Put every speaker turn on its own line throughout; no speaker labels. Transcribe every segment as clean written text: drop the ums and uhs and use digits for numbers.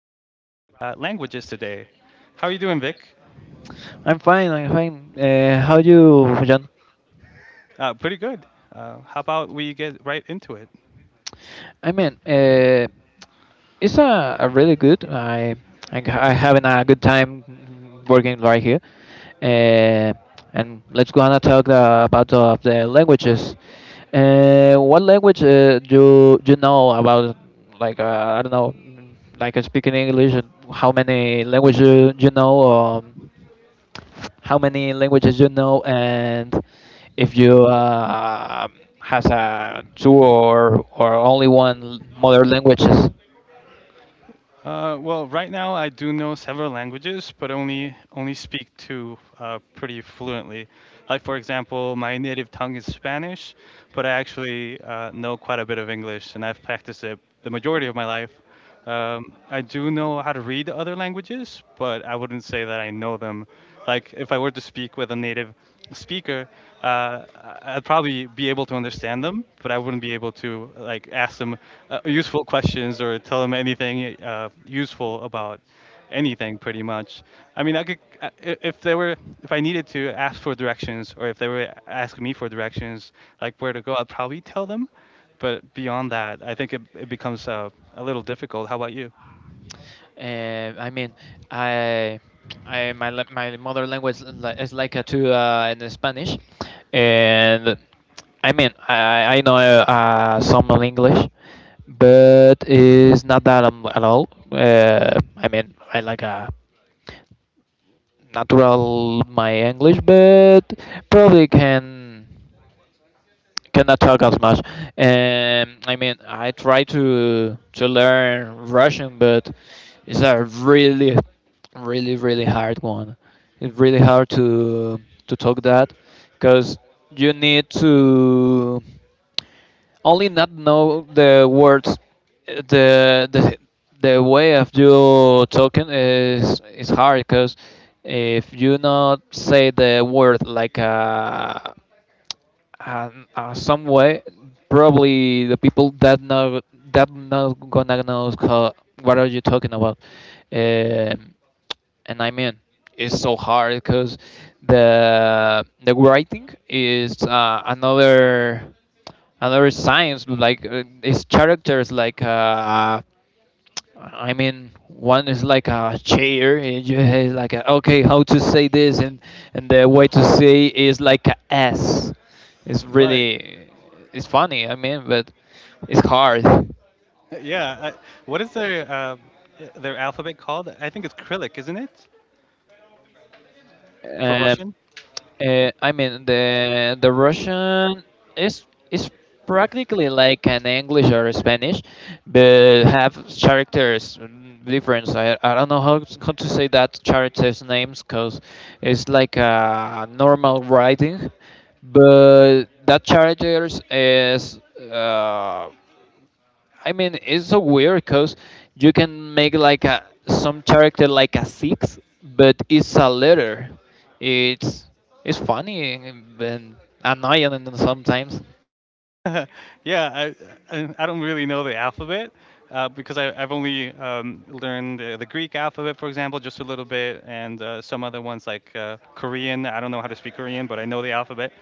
about languages today. How are you doing, Vic?
I'm fine. I'm fine. How you, John?
Pretty good. How about we get right into it?
I mean, it's a really good. I having a good time working right here. Uh, and let's go on and talk about the languages. What language do you know about? Like I don't know, like speaking English. How many languages you know? How many languages you know, and if you has a two or only one mother languages.
Well, right now I do know several languages, but only speak two pretty fluently. Like for example, my native tongue is Spanish, but I actually know quite a bit of English, and I've practiced it the majority of my life. I do know how to read other languages, but I wouldn't say that I know them. Like, if I were to speak with a native speaker, uh, I- I'd probably be able to understand them, but I wouldn't be able to like ask them useful questions or tell them anything useful about anything, pretty much. I mean, I could, I- if they were, if I needed to ask for directions, or if they were asking me for directions, like where to go, I'd probably tell them, but beyond that, I think it becomes a little difficult. How about you?
I mean, I. My mother language is is like a two in Spanish, and I mean I know some of English, but it's not that at all. I mean I like a natural my English, but probably cannot talk as much. I mean, I try to learn Russian, but it's a really hard one. It's really hard to talk that because you need to only not know the words, uh, the the the way of you talking is hard because if you not say the word like and some way, probably the people that know that not gonna know how, what are you talking about. Um, and I mean, it's so hard because the writing is another another science. Like it's characters. Like I mean, one is like a chair, and you have like a, okay, how to say this, and the way to say is like a S. It's
Right.
really, it's funny. I mean, but it's hard.
Yeah. What is their alphabet called? I think it's Cyrillic, isn't it, for
Um,
Russian?
I mean the Russian is practically like an English or Spanish, but have characters difference. I don't know how, how to say that characters names, because it's like a normal writing, but that characters is uh, I mean, it's so weird because you can make like a some character like a six, but it's a letter. It's it's funny and annoying and sometimes.
Yeah. I, I don't really know the alphabet because I've only learned the Greek alphabet, for example, just a little bit, and some other ones like Korean. I don't know how to speak Korean, but I know the alphabet.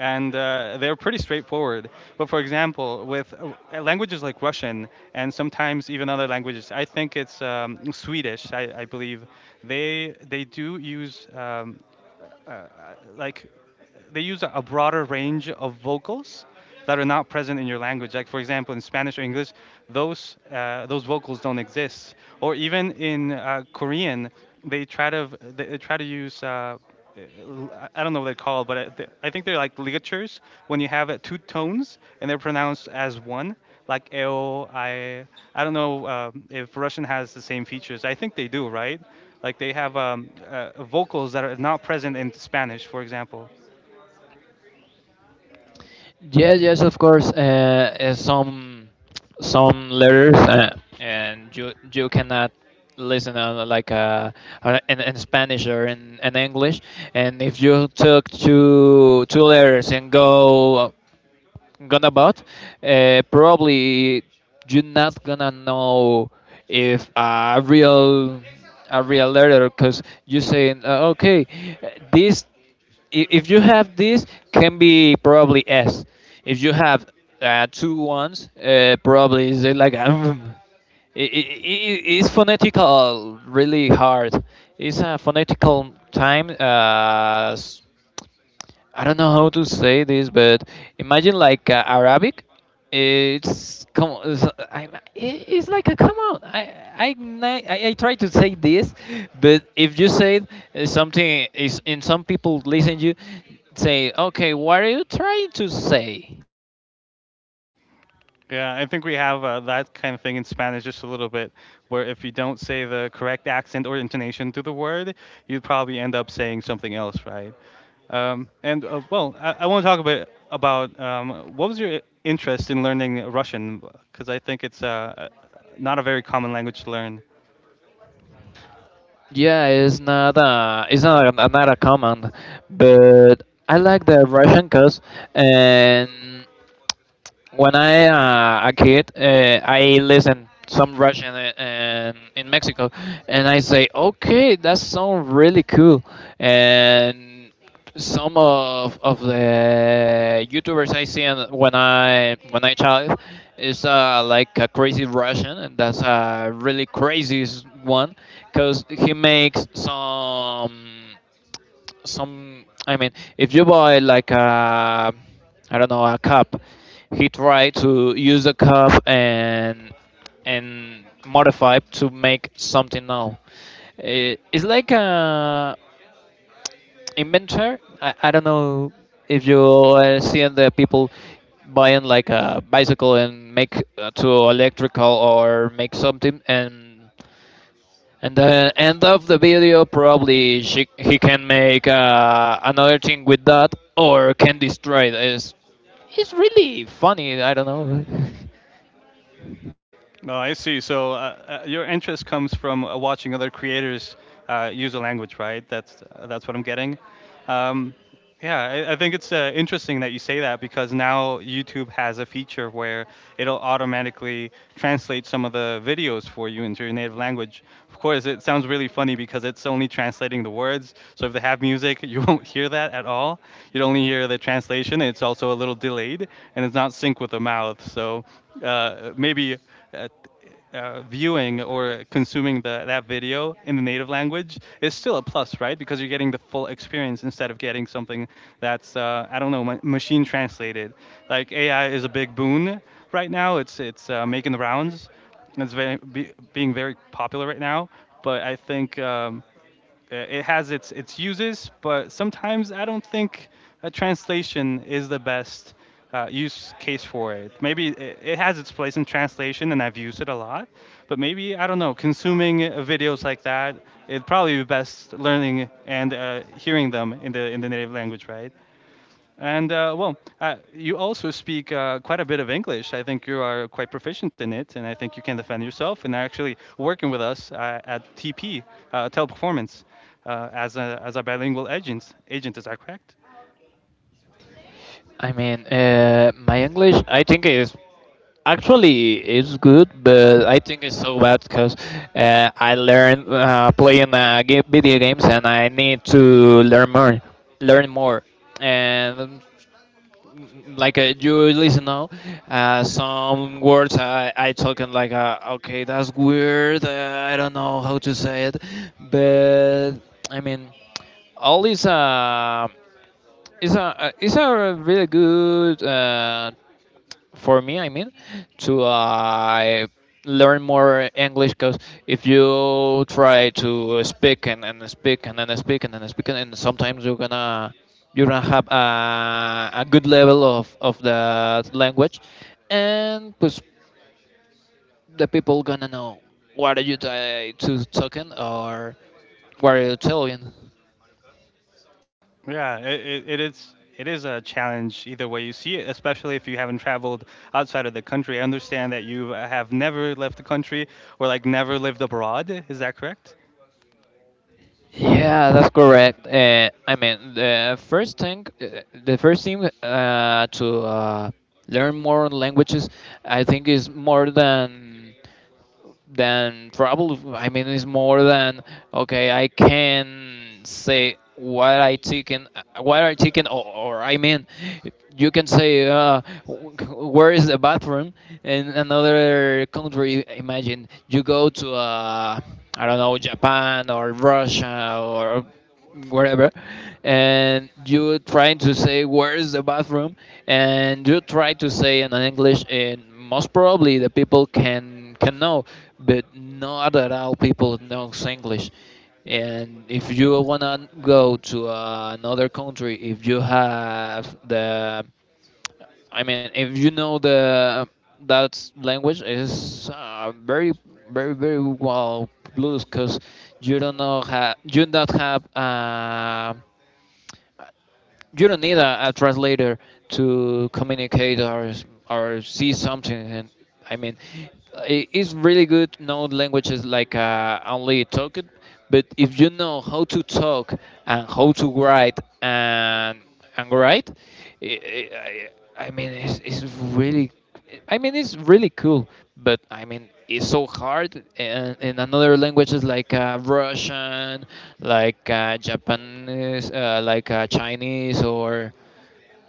And they're pretty straightforward. But for example, with languages like Russian, and sometimes even other languages, I think it's Swedish. I believe they do use like they use a broader range of vocals that are not present in your language. Like for example, in Spanish or English, those vocals don't exist. Or even in Korean, they try to use. I don't know what they're called, but think they're like ligatures when you have two tones and they're pronounced as one, like eo, I. I don't know if Russian has the same features. I think they do, right? Like they have vocals that are not present in Spanish, for example.
Yes, yes, of course. Some some letters, and you cannot listen on like in Spanish or in English. And if you took two letters and go gonna bought, probably you're not gonna know if a real, a real letter, because you saying okay, this, if you have this can be probably s, if you have two ones, probably is it like it's phonetical really hard, it's a phonetical time I don't know how to say this, but imagine like Arabic. It's come on, I, it's like a come on. I I try to say this, but if you say something is, in some people listen you, say okay, what are you trying to say?
Yeah, I think we have that kind of thing in Spanish just a little bit, where if you don't say the correct accent or intonation to the word, you'd probably end up saying something else, right? And Well, I want to talk a bit about what was your interest in learning Russian, because I think it's not a very common language to learn.
Yeah, it's not a, not a command, but I like the Russian cause and, when I a kid, I listen some Russian and in Mexico, and I say, okay, that sounds really cool, and some of the YouTubers I see, and when I child is like a crazy Russian, and that's a really crazy one, cause he makes some some. I mean, if you buy like a, I don't know, a cup, he tried to use the cup and modify it to make something now. It, it's like a inventor. I don't know if you are seeing the people buying like a bicycle and make to electrical or make something, and the end of the video, probably she, he can make another thing with that, or can destroy it. It's really funny. I don't know.
No, I see. So your interest comes from watching other creators use a language, right? That's what I'm getting. Um, yeah, I think it's interesting that you say that because now YouTube has a feature where it'll automatically translate some of the videos for you into your native language. Of course, it sounds really funny because it's only translating the words. So if they have music, you won't hear that at all. You'd only hear the translation. It's also a little delayed and it's not synced with the mouth. So maybe uh, viewing or consuming that video in the native language is still a plus, right? Because you're getting the full experience instead of getting something that's I don't know, machine translated. Like AI is a big boon right now. It's making the rounds. It's being very popular right now. But I think it has its uses, but sometimes I don't think a translation is the best use case for it. Maybe it has its place in translation, and I've used it a lot. But maybe I don't know. Consuming videos like that, it'd probably be best learning and hearing them in the native language, right? And you also speak quite a bit of English. I think you are quite proficient in it, and I think you can defend yourself. And are actually working with us at TP Teleperformance as a bilingual agent. Agent, is that correct?
I mean, my English, I think is actually it's good, but I think it's so bad because I learned playing video games, and I need to learn more, and like you listen now some words I talking like okay, that's weird, I don't know how to say it, but I mean, all is a, is a is a really good for me. I mean, to learn more English because if you try to speak and speak and then speak and then speak and sometimes you're gonna, you're gonna have a good level of the language, and pues, the people gonna know what are you to talking or what are you telling.
Yeah, it is. It is a challenge either way you see it, especially if you haven't traveled outside of the country. I understand that you have never left the country or like never lived abroad. Is that correct?
Yeah, that's correct. I mean, the first thing to learn more languages, I think, is more than probably. I mean, it's more than okay, I can say what I taken, what I taken, or or. I mean, you can say where is the bathroom in another country. Imagine you go to I don't know, Japan or Russia or wherever, and you try to say where is the bathroom, and you try to say in an English, and most probably the people can know, but not at all people knows English. And if you wanna go to another country, if you have the, I mean, if you know the that language is very well, blues, because you don't know you don't have you don't need a translator to communicate or see something. And I mean, it's really good to know languages like only talk it, but if you know how to talk and how to write and right. I, I mean, it's really, I mean, it's really cool, but I mean, it's so hard. And in another languages like Russian, like Japanese, like Chinese,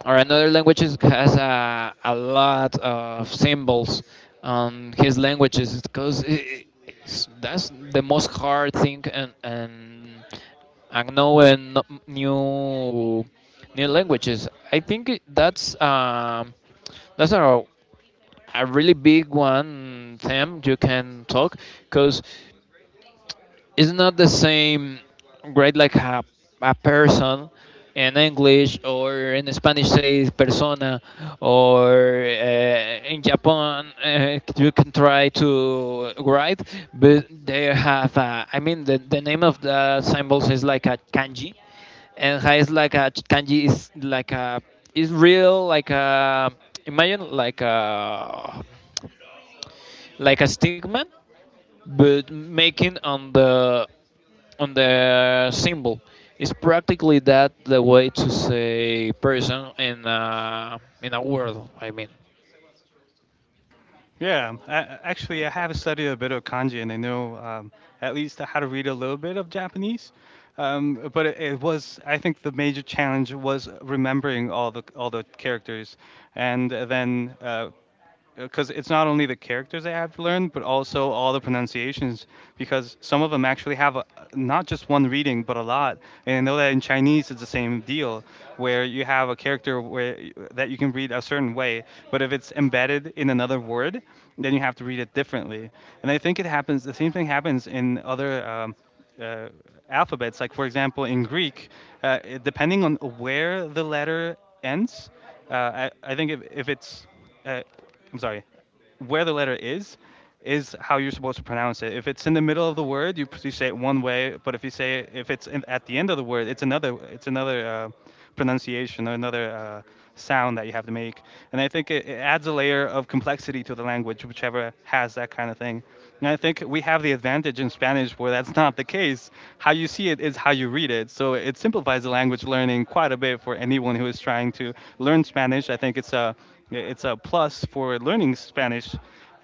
or another language is- has a lot of symbols on his languages because it's, that's the most hard thing, and knowing new new languages, I think that's a really big one theme you can talk, because it's not the same grade like a person in English or in Spanish say persona, or in Japan you can try to write, but they have a, I mean the name of the symbols is like a kanji, and ha is like a kanji is like a, is real like a, imagine like a, like a stigma, but making on the symbol. It's practically that the way to say person in a word. I mean,
Yeah, actually, I have studied a bit of kanji, and I know at least how to read a little bit of Japanese. But it was, I think, the major challenge was remembering all the characters, and then because it's not only the characters I have to learn, but also all the pronunciations. Because some of them actually have a, not just one reading, but a lot. And I know that in Chinese it's the same deal, where you have a character where that you can read a certain way, but if it's embedded in another word, then you have to read it differently. And I think it happens. The same thing happens in other. Uh, Alphabets. Like for example, in Greek, depending on where the letter ends, I think if it's, uh, I'm sorry, where the letter is how you're supposed to pronounce it. If it's in the middle of the word, you say it one way, but if you say if it's in, at the end of the word, it's another pronunciation or another sound that you have to make. And I think it adds a layer of complexity to the language, whichever has that kind of thing. And I think we have the advantage in Spanish where that's not the case. How you see it is how you read it. So it simplifies the language learning quite a bit for anyone who is trying to learn Spanish. I think it's a plus for learning Spanish,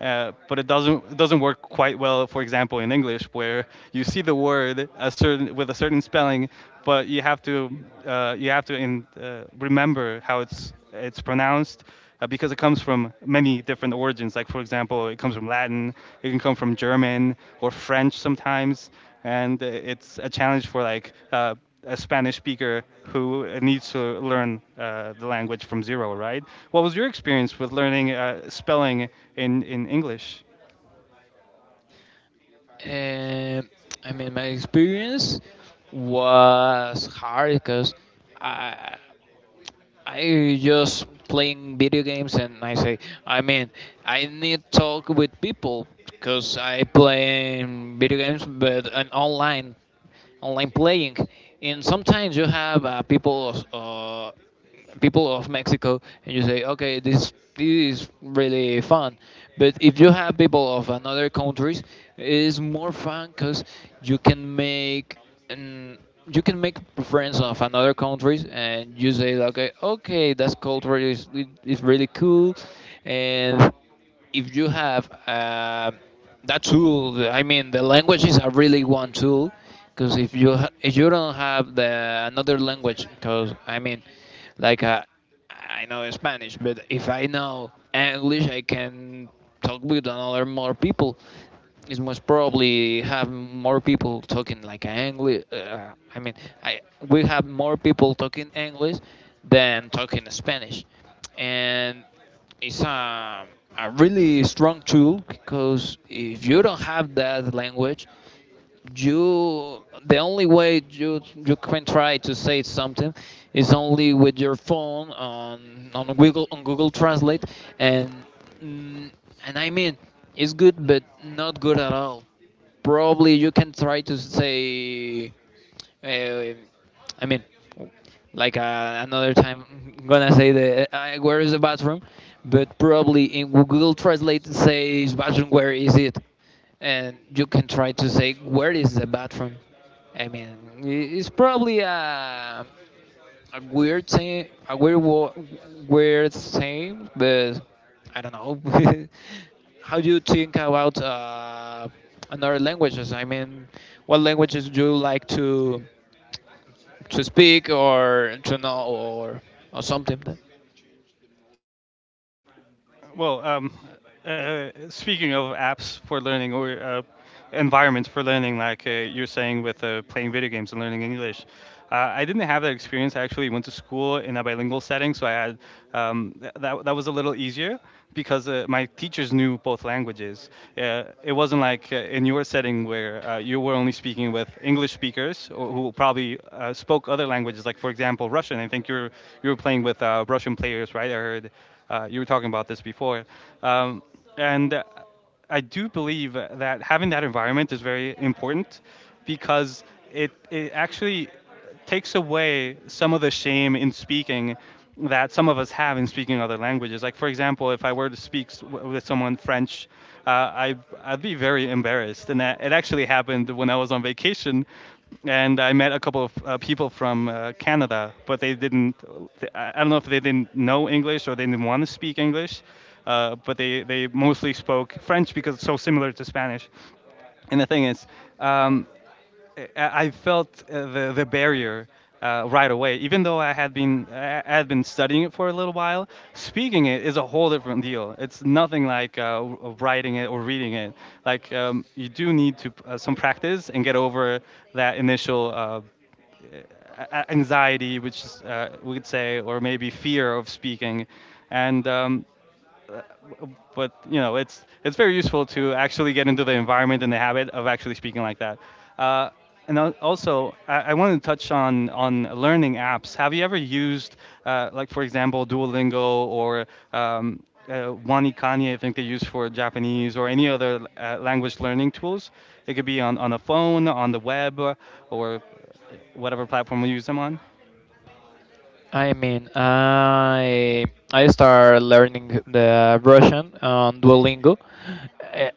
but it doesn't work quite well. For example, in English, where you see the word a certain with a certain spelling, but you have to remember how it's pronounced because it comes from many different origins. Like for example, it comes from Latin, it can come from German or French sometimes, and it's a challenge for like a Spanish speaker who needs to learn the language from zero, right? What was your experience with learning spelling in English?
and I mean my experience was hard because I I just playing video games, and I say, I mean, I need talk with people because I play video games, but an online, online playing, and sometimes you have people of Mexico, and you say, okay, this is really fun, but if you have people of another countries, it is more fun because you can make and you can make friends of another countries, and you say like, okay, okay, that's culture is really cool. And if you have that tool, I mean the languages are really one tool, because if you if you don't have the another language, because I mean like I know Spanish, but if I know English, I can talk with another more people. It must probably have more people talking like English. I mean, I we have more people talking English than talking Spanish, and it's a really strong tool, because if you don't have that language, you, the only way you can try to say something is only with your phone on on Google Translate, and mm, and I mean it's good but not good at all. Probably you can try to say uh, I mean, like another time, I'm gonna say the where is the bathroom, but probably in Google Translate says bathroom where is it, and you can try to say where is the bathroom. I mean, it's probably a weird thing, a weird weird thing, but I don't know. How do you think about another languages? I mean, what languages do you like to speak or to know or something?
Well, speaking of apps for learning or environments for learning, like you're saying with playing video games and learning English, I didn't have that experience. I actually went to school in a bilingual setting, so I had that. That was a little easier because my teachers knew both languages. It wasn't like in your setting where you were only speaking with English speakers or who probably spoke other languages, like for example Russian. I think you were playing with Russian players, right? I heard you were talking about this before, um, and I do believe that having that environment is very important because it actually takes away some of the shame in speaking that some of us have in speaking other languages. Like, for example, if I were to speak with someone French, uh, I, I'd be very embarrassed. And that, it actually happened when I was on vacation and I met a couple of people from Canada, but they didn't. I don't know if they didn't know English or they didn't want to speak English, but they mostly spoke French because it's so similar to Spanish. And the thing is, um, I felt the barrier right away, even though I had been studying it for a little while. Speaking it is a whole different deal. It's nothing like writing it or reading it. Like you do need to some practice and get over that initial anxiety, which is, we could say, or maybe fear of speaking, and but you know, it's very useful to actually get into the environment and the habit of actually speaking like that. Uh, Also, I want to touch on learning apps. Have you ever used like for example, Duolingo or um, Wani, I think they use for Japanese, or any other language learning tools. It could be on a phone, on the web, or whatever platform we use them on.
I mean, I start learning the Russian on Duolingo. Eh,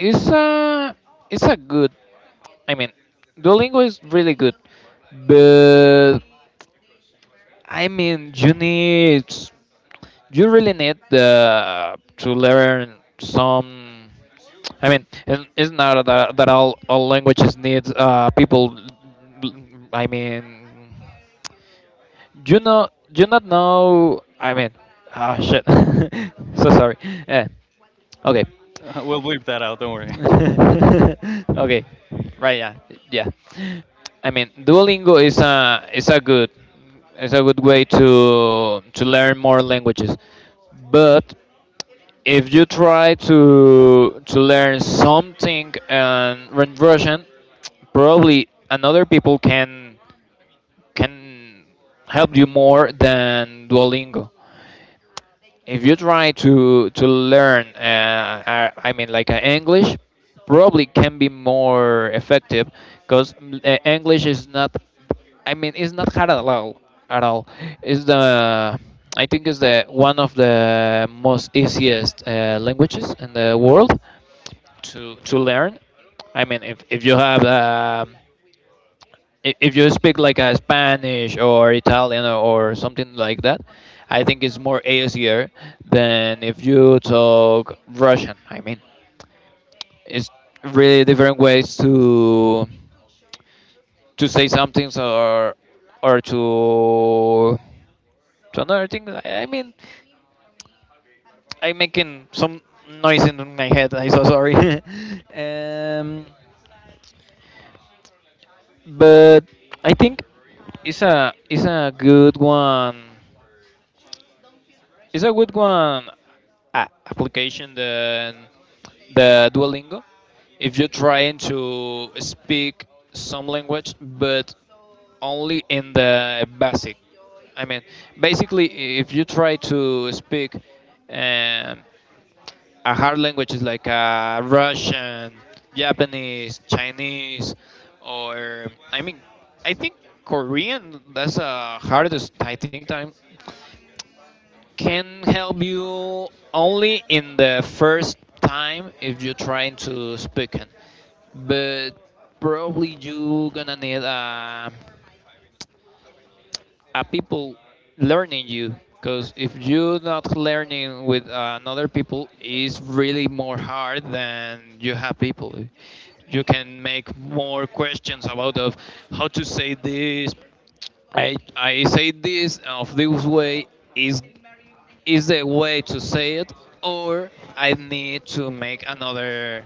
It's a, it's a good. I mean, Duolingo is really good, but I mean, you really need to learn some. I mean, and it's not that all languages need people. I mean, you know, you not know. I mean, ah, shit. So sorry. Eh, okay.
We'll bleep that out, don't worry.
Okay, right? Yeah, yeah. Duolingo is a good way to learn more languages, but if you try to learn something and in Russian, probably another people can help you more than Duolingo if you try to learn english probably can be more effective because english is not, it's not hard at all, at all. Is the I think is the one of the most easiest languages in the world to learn. If you have if you speak like a Spanish or Italian or something like that, I think it's more easier than if you talk Russian. It's really different ways to say something, or to another thing. I'm making some noise in my head. I'm so sorry. um, but I think it's a good one. It's a good one application than the Duolingo, if you're trying to speak some language, but only in the basic. I mean, basically, if you try to speak um, a hard language is like Russian, Japanese, Chinese, or I think Korean. That's the hardest I think time can help you only in the first time if you're trying to speak it. But probably you gonna need a people learning you, because if you're not learning with another people, it's really more hard than you have people. You can make more questions about of how to say this, I say this of this way, is is the way to say it, or I need to make another,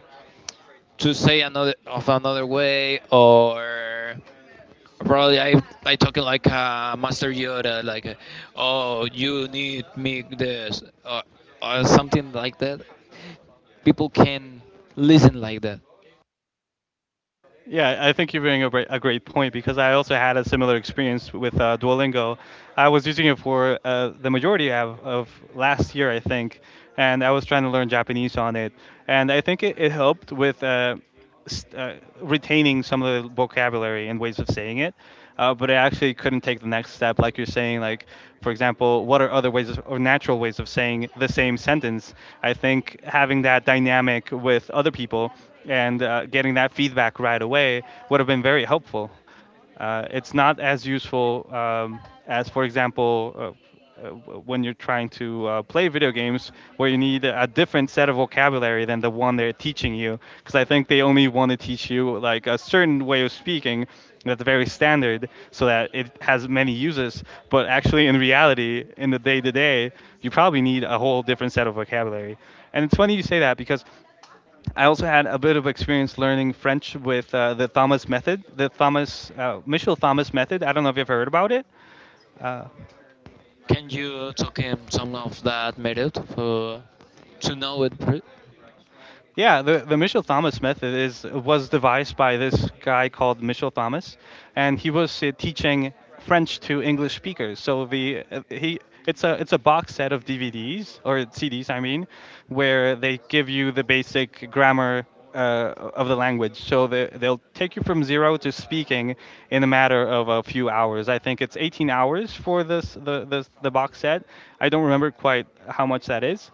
to say another of another way. Or probably I talking like a master yoda, like oh you need me this, or something like that, people can listen like that.
Yeah, I think you're bringing a great point because I also had a similar experience with Duolingo. I was using it for the majority of last year, I think, and I was trying to learn Japanese on it. And I think it helped with st- uh, retaining some of the vocabulary and ways of saying it. But I actually couldn't take the next step, like you're saying. Like, for example, what are other ways of, or natural ways of saying the same sentence? I think having that dynamic with other people and getting that feedback right away would have been very helpful. It's not as useful as, for example, when you're trying to play video games, where you need a different set of vocabulary than the one they're teaching you. Because I think they only want to teach you like a certain way of speaking that's very standard, so that it has many uses. But actually, in reality, in the day-to-day, you probably need a whole different set of vocabulary. And it's funny you say that because I also had a bit of experience learning French with the Thomas method, the Thomas Michel Thomas method. I don't know if you've ever heard about it.
Can you talk in some of that method for to know it
Yeah, the Michel Thomas method is was devised by this guy called Michel Thomas, and he was teaching French to English speakers. So the he it's a box set of DVDs or CDs, I mean, where they give you the basic grammar of the language. So they'll take you from zero to speaking in a matter of a few hours. I think it's 18 hours for the box set. I don't remember quite how much that is,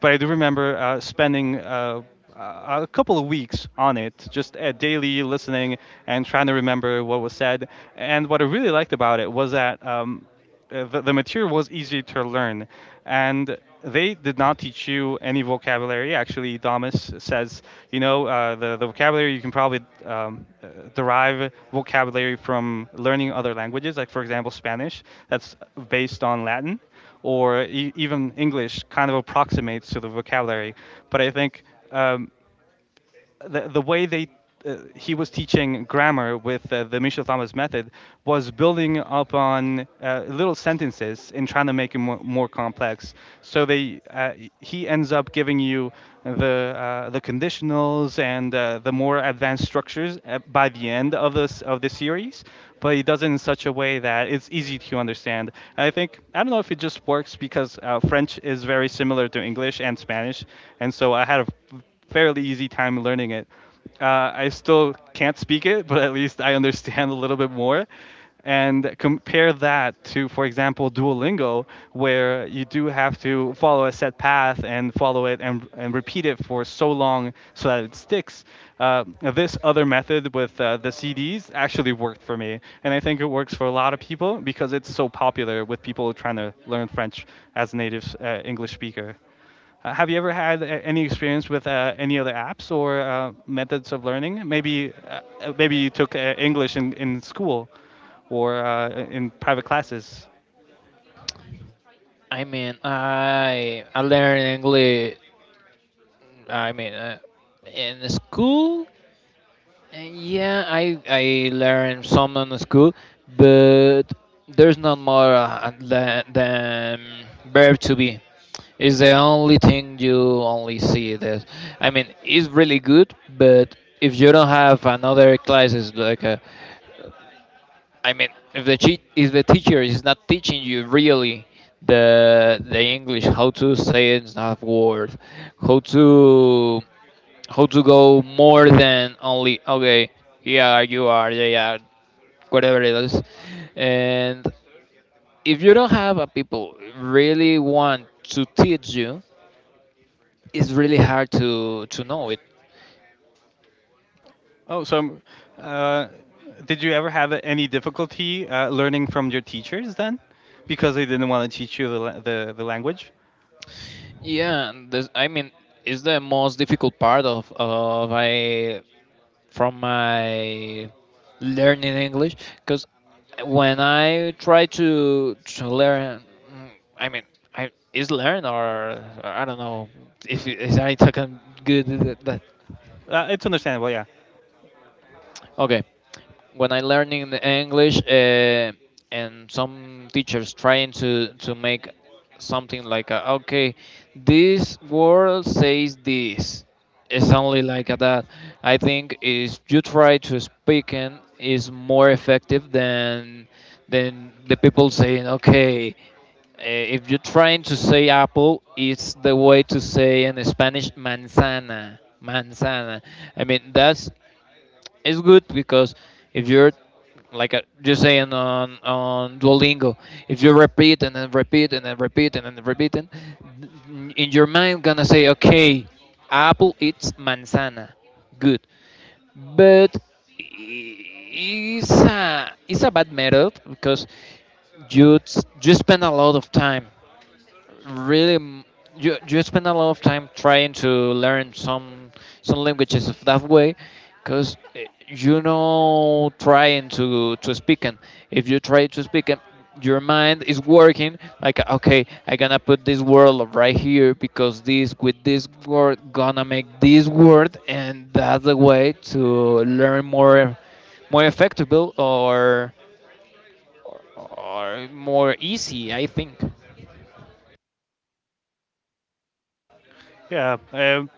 but I do remember spending a couple of weeks on it, just daily listening and trying to remember what was said. And what I really liked about it was that the material was easy to learn and they did not teach you any vocabulary. Actually, Damas says the vocabulary you can probably um, uh, derive vocabulary from learning other languages, like for example Spanish, that's based on Latin, or even English kind of approximates to the vocabulary. But I think um, the way they he was teaching grammar with the Michel Thomas method was building up on little sentences and trying to make it more complex. So they he ends up giving you the conditionals and the more advanced structures by the end of this of the series, but he does it in such a way that it's easy to understand. And I think I don't know if it just works because French is very similar to English and Spanish, and so I had a fairly easy time learning it. I still can't speak it, but at least I understand a little bit more. And compare that to, for example, Duolingo, where you do have to follow a set path and follow it and repeat it for so long so that it sticks. Uh, this other method with the CDs actually worked for me. And I think it works for a lot of people because it's so popular with people trying to learn French as a native English speaker. Have you ever had any experience with any other apps or methods of learning? Maybe, maybe you took English in school or in private classes.
I learn english, i mean uh, in school. Yeah, I learned some in school, but there's not more than verb to be. It's the only thing you only see that. I mean, it's really good, but if you don't have another classes like I mean, if the if the teacher is not teaching you really the English, how to say it, not word, how to how to go more than only okay, yeah you are, yeah whatever it is. And if you don't have a people really want to teach you, it's really hard to know it.
Oh, so uh, did you ever have any difficulty learning from your teachers then, because they didn't want to teach you the language?
Yeah, and this, it's the most difficult part of I from my learning English, because when I try to learn, mm, I mean, I is learn or I don't know if is I talking good that, that.
It's understandable, yeah.
Okay. When I learning the English, and some teachers trying to make something like a, okay, this word says this. It's only like a that. I think is you try to speak and is more effective than the people saying okay. If you're trying to say apple, it's the way to say in Spanish manzana. Manzana. I mean, that's it's good because if you're like you saying on Duolingo, if you repeat and then repeat and then repeat and then repeat, and in your mind gonna say, okay, apple eats manzana, good, but it's a bad method because you spend a lot of time really you spend a lot of time trying to learn some languages of that way, because you know trying to speak, and if you try to speak and your mind is working like okay I gonna put this word right here because this with this word gonna make this word, and that's the way to learn more, more effective, or more easy I think.
Yeah. Um,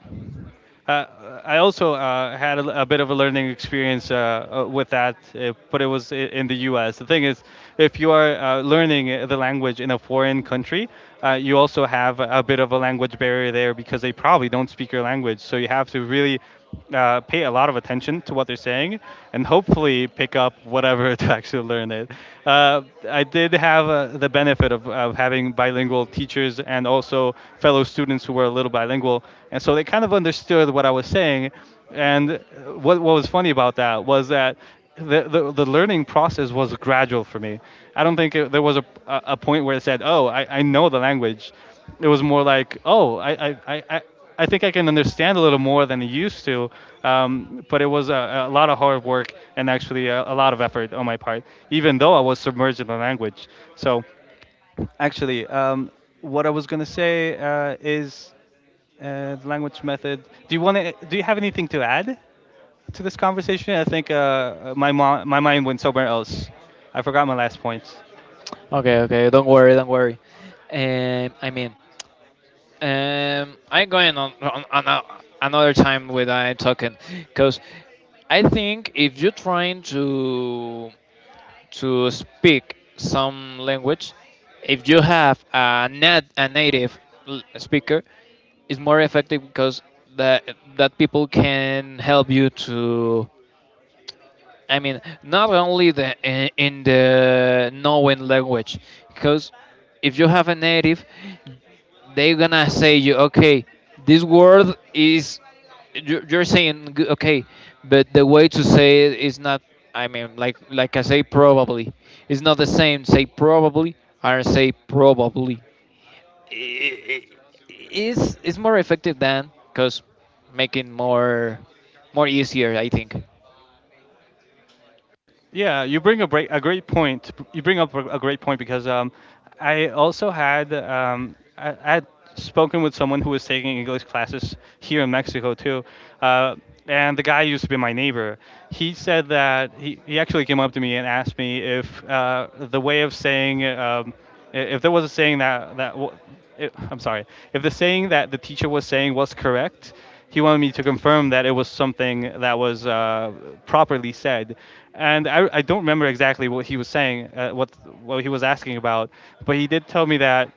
Uh, I also had a bit of a learning experience with that, but it was in the U.S. The thing is, if you are learning the language in a foreign country, you also have a bit of a language barrier there because they probably don't speak your language. So you have to really pay a lot of attention to what they're saying and hopefully pick up whatever to actually learn it. Uh, I did have the benefit of having bilingual teachers and also fellow students who were a little bilingual, and so they kind of understood what I was saying. And what was funny about that was that the learning process was gradual for me. I don't think there was a point where it said, oh, I know the language. It was more like, oh, I think I can understand a little more than I used to, but it was a lot of hard work and actually a lot of effort on my part, even though I was submerged in the language. So actually, what I was gonna say is the language method. Do you want to? Do you have anything to add to this conversation? I think my mind went somewhere else. I forgot my last point.
Okay, okay. Don't worry, don't worry. Um, I mean, I'm going on, another time with I talking, because I think if you're trying to speak some language, if you have a nat a native speaker, it's more effective because that that people can help you to. I mean, not only the in the knowing language, because if you have a native, they're gonna say you, okay, this word is you're saying okay, but the way to say it is not. I mean, like I say, probably it's not the same. Say probably or say probably. I- i- it's more effective than because making more more easier. I think.
Yeah, you bring a great point. You bring up a great point because I also had um, I had spoken with someone who was taking English classes here in Mexico too, uh, and the guy used to be my neighbor. He said that he actually came up to me and asked me if the way of saying if there was a saying that that wa- I I'm sorry, if the saying that the teacher was saying was correct, he wanted me to confirm that it was something that was properly said. And I don't remember exactly what he was saying, what he was asking about, but he did tell me that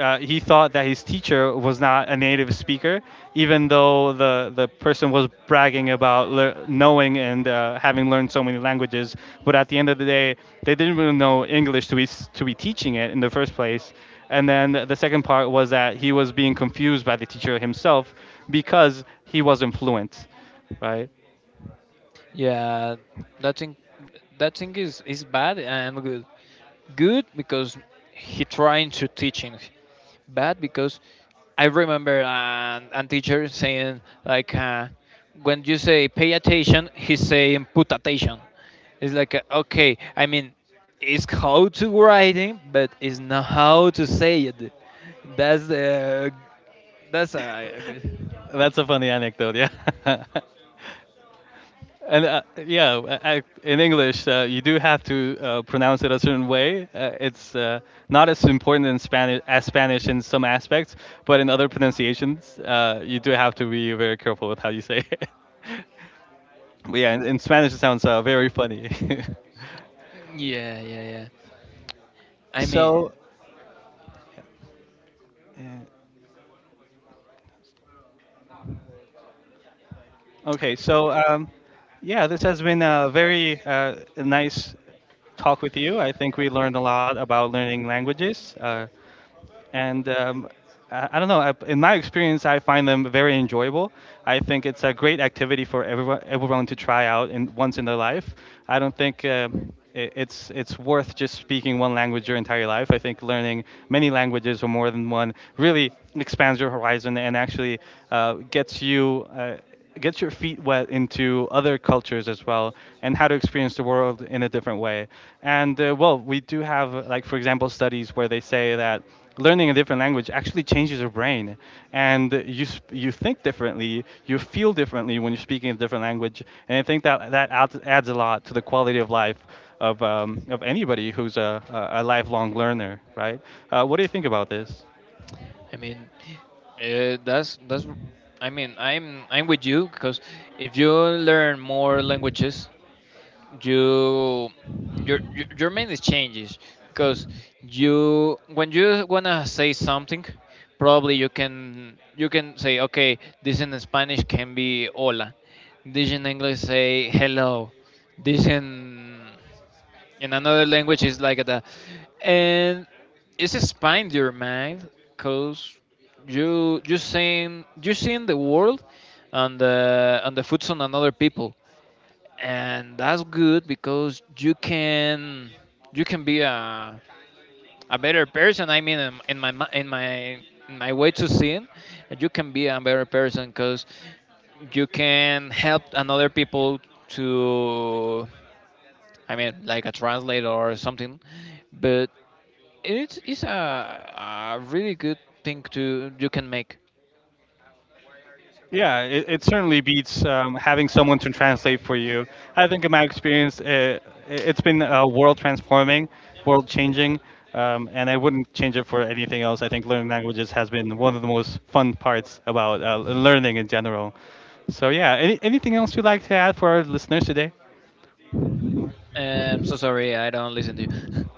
he thought that his teacher was not a native speaker, even though the person was bragging about knowing and having learned so many languages. But at the end of the day, they didn't really know English to be, to be teaching it in the first place. And then the second part was that he was being confused by the teacher himself because he wasn't fluent, right?
Yeah, that thing, that thing is bad and good. Good because he trying to teaching. Bad because I remember an teacher saying like when you say pay attention, he's saying put attention. It's like okay, I mean, it's how to writing, but it's not how to say it. That's the that's a good.
That's a funny anecdote, yeah. And yeah, in English, you do have to pronounce it a certain way. It's not as important in Spanish as Spanish in some aspects, but in other pronunciations, you do have to be very careful with how you say it. But yeah, in Spanish, it sounds very funny.
Yeah, yeah, yeah. I mean,
So, uh, okay, so yeah, this has been a very nice talk with you. I think we learned a lot about learning languages. And I don't know. I, in my experience, I find them very enjoyable. I think it's a great activity for everyone to try out once in their life. I don't think it's worth just speaking one language your entire life. I think learning many languages or more than one really expands your horizon and actually gets you. Get your feet wet into other cultures as well and how to experience the world in a different way. And well, we do have like for example studies where they say that learning a different language actually changes your brain, and you think differently, you feel differently when you're speaking a different language. And I think that that adds a lot to the quality of life of anybody who's a lifelong learner, right? Uh, what do you think about this?
I mean, that's that's. I mean, I'm with you because if you learn more languages, you your mind changes, because you when you wanna say something probably you can say okay this in spanish can be hola, this in english say hello, this in another language is like that. And it's expand your mind, because you seeing, you seeing the world and the foods on another people. And that's good because you can, you can be a better person. I mean, in my in my in my way to sin, you can be a better person because you can help another people to. I mean, like a translator or something. But it's a really good thing to you can make.
Yeah, it certainly beats having someone to translate for you. I think in my experience, it's been world transforming, world changing, and I wouldn't change it for anything else. I think learning languages has been one of the most fun parts about learning in general. So yeah, anything else you'd like to add for our listeners today?
So sorry, I don't listen to you.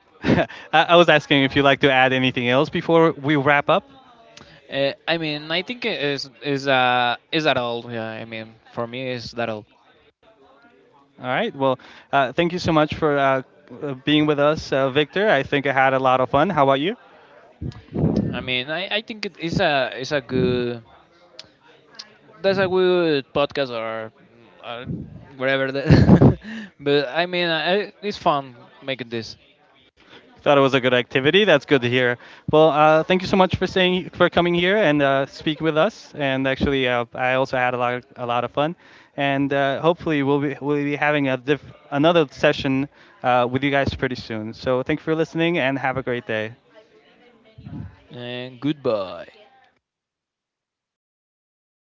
I, I was asking if you'd like to add anything else before we wrap up.
I mean, I think it is is that all? Yeah, I mean, for me, is that all?
All right. Well, thank you so much for being with us, Victor. I think I had a lot of fun. How about you?
I mean, I think it is a good that's a good podcast or uh, whatever that. But I mean, I, it's fun making this.
Thought it was a good activity. That's good to hear. Well, thank you so much for staying, for coming here and speak with us. And actually, I also had a lot of fun. And hopefully, we'll be having a another session with you guys pretty soon. So thank you for listening and have a great day.
And goodbye.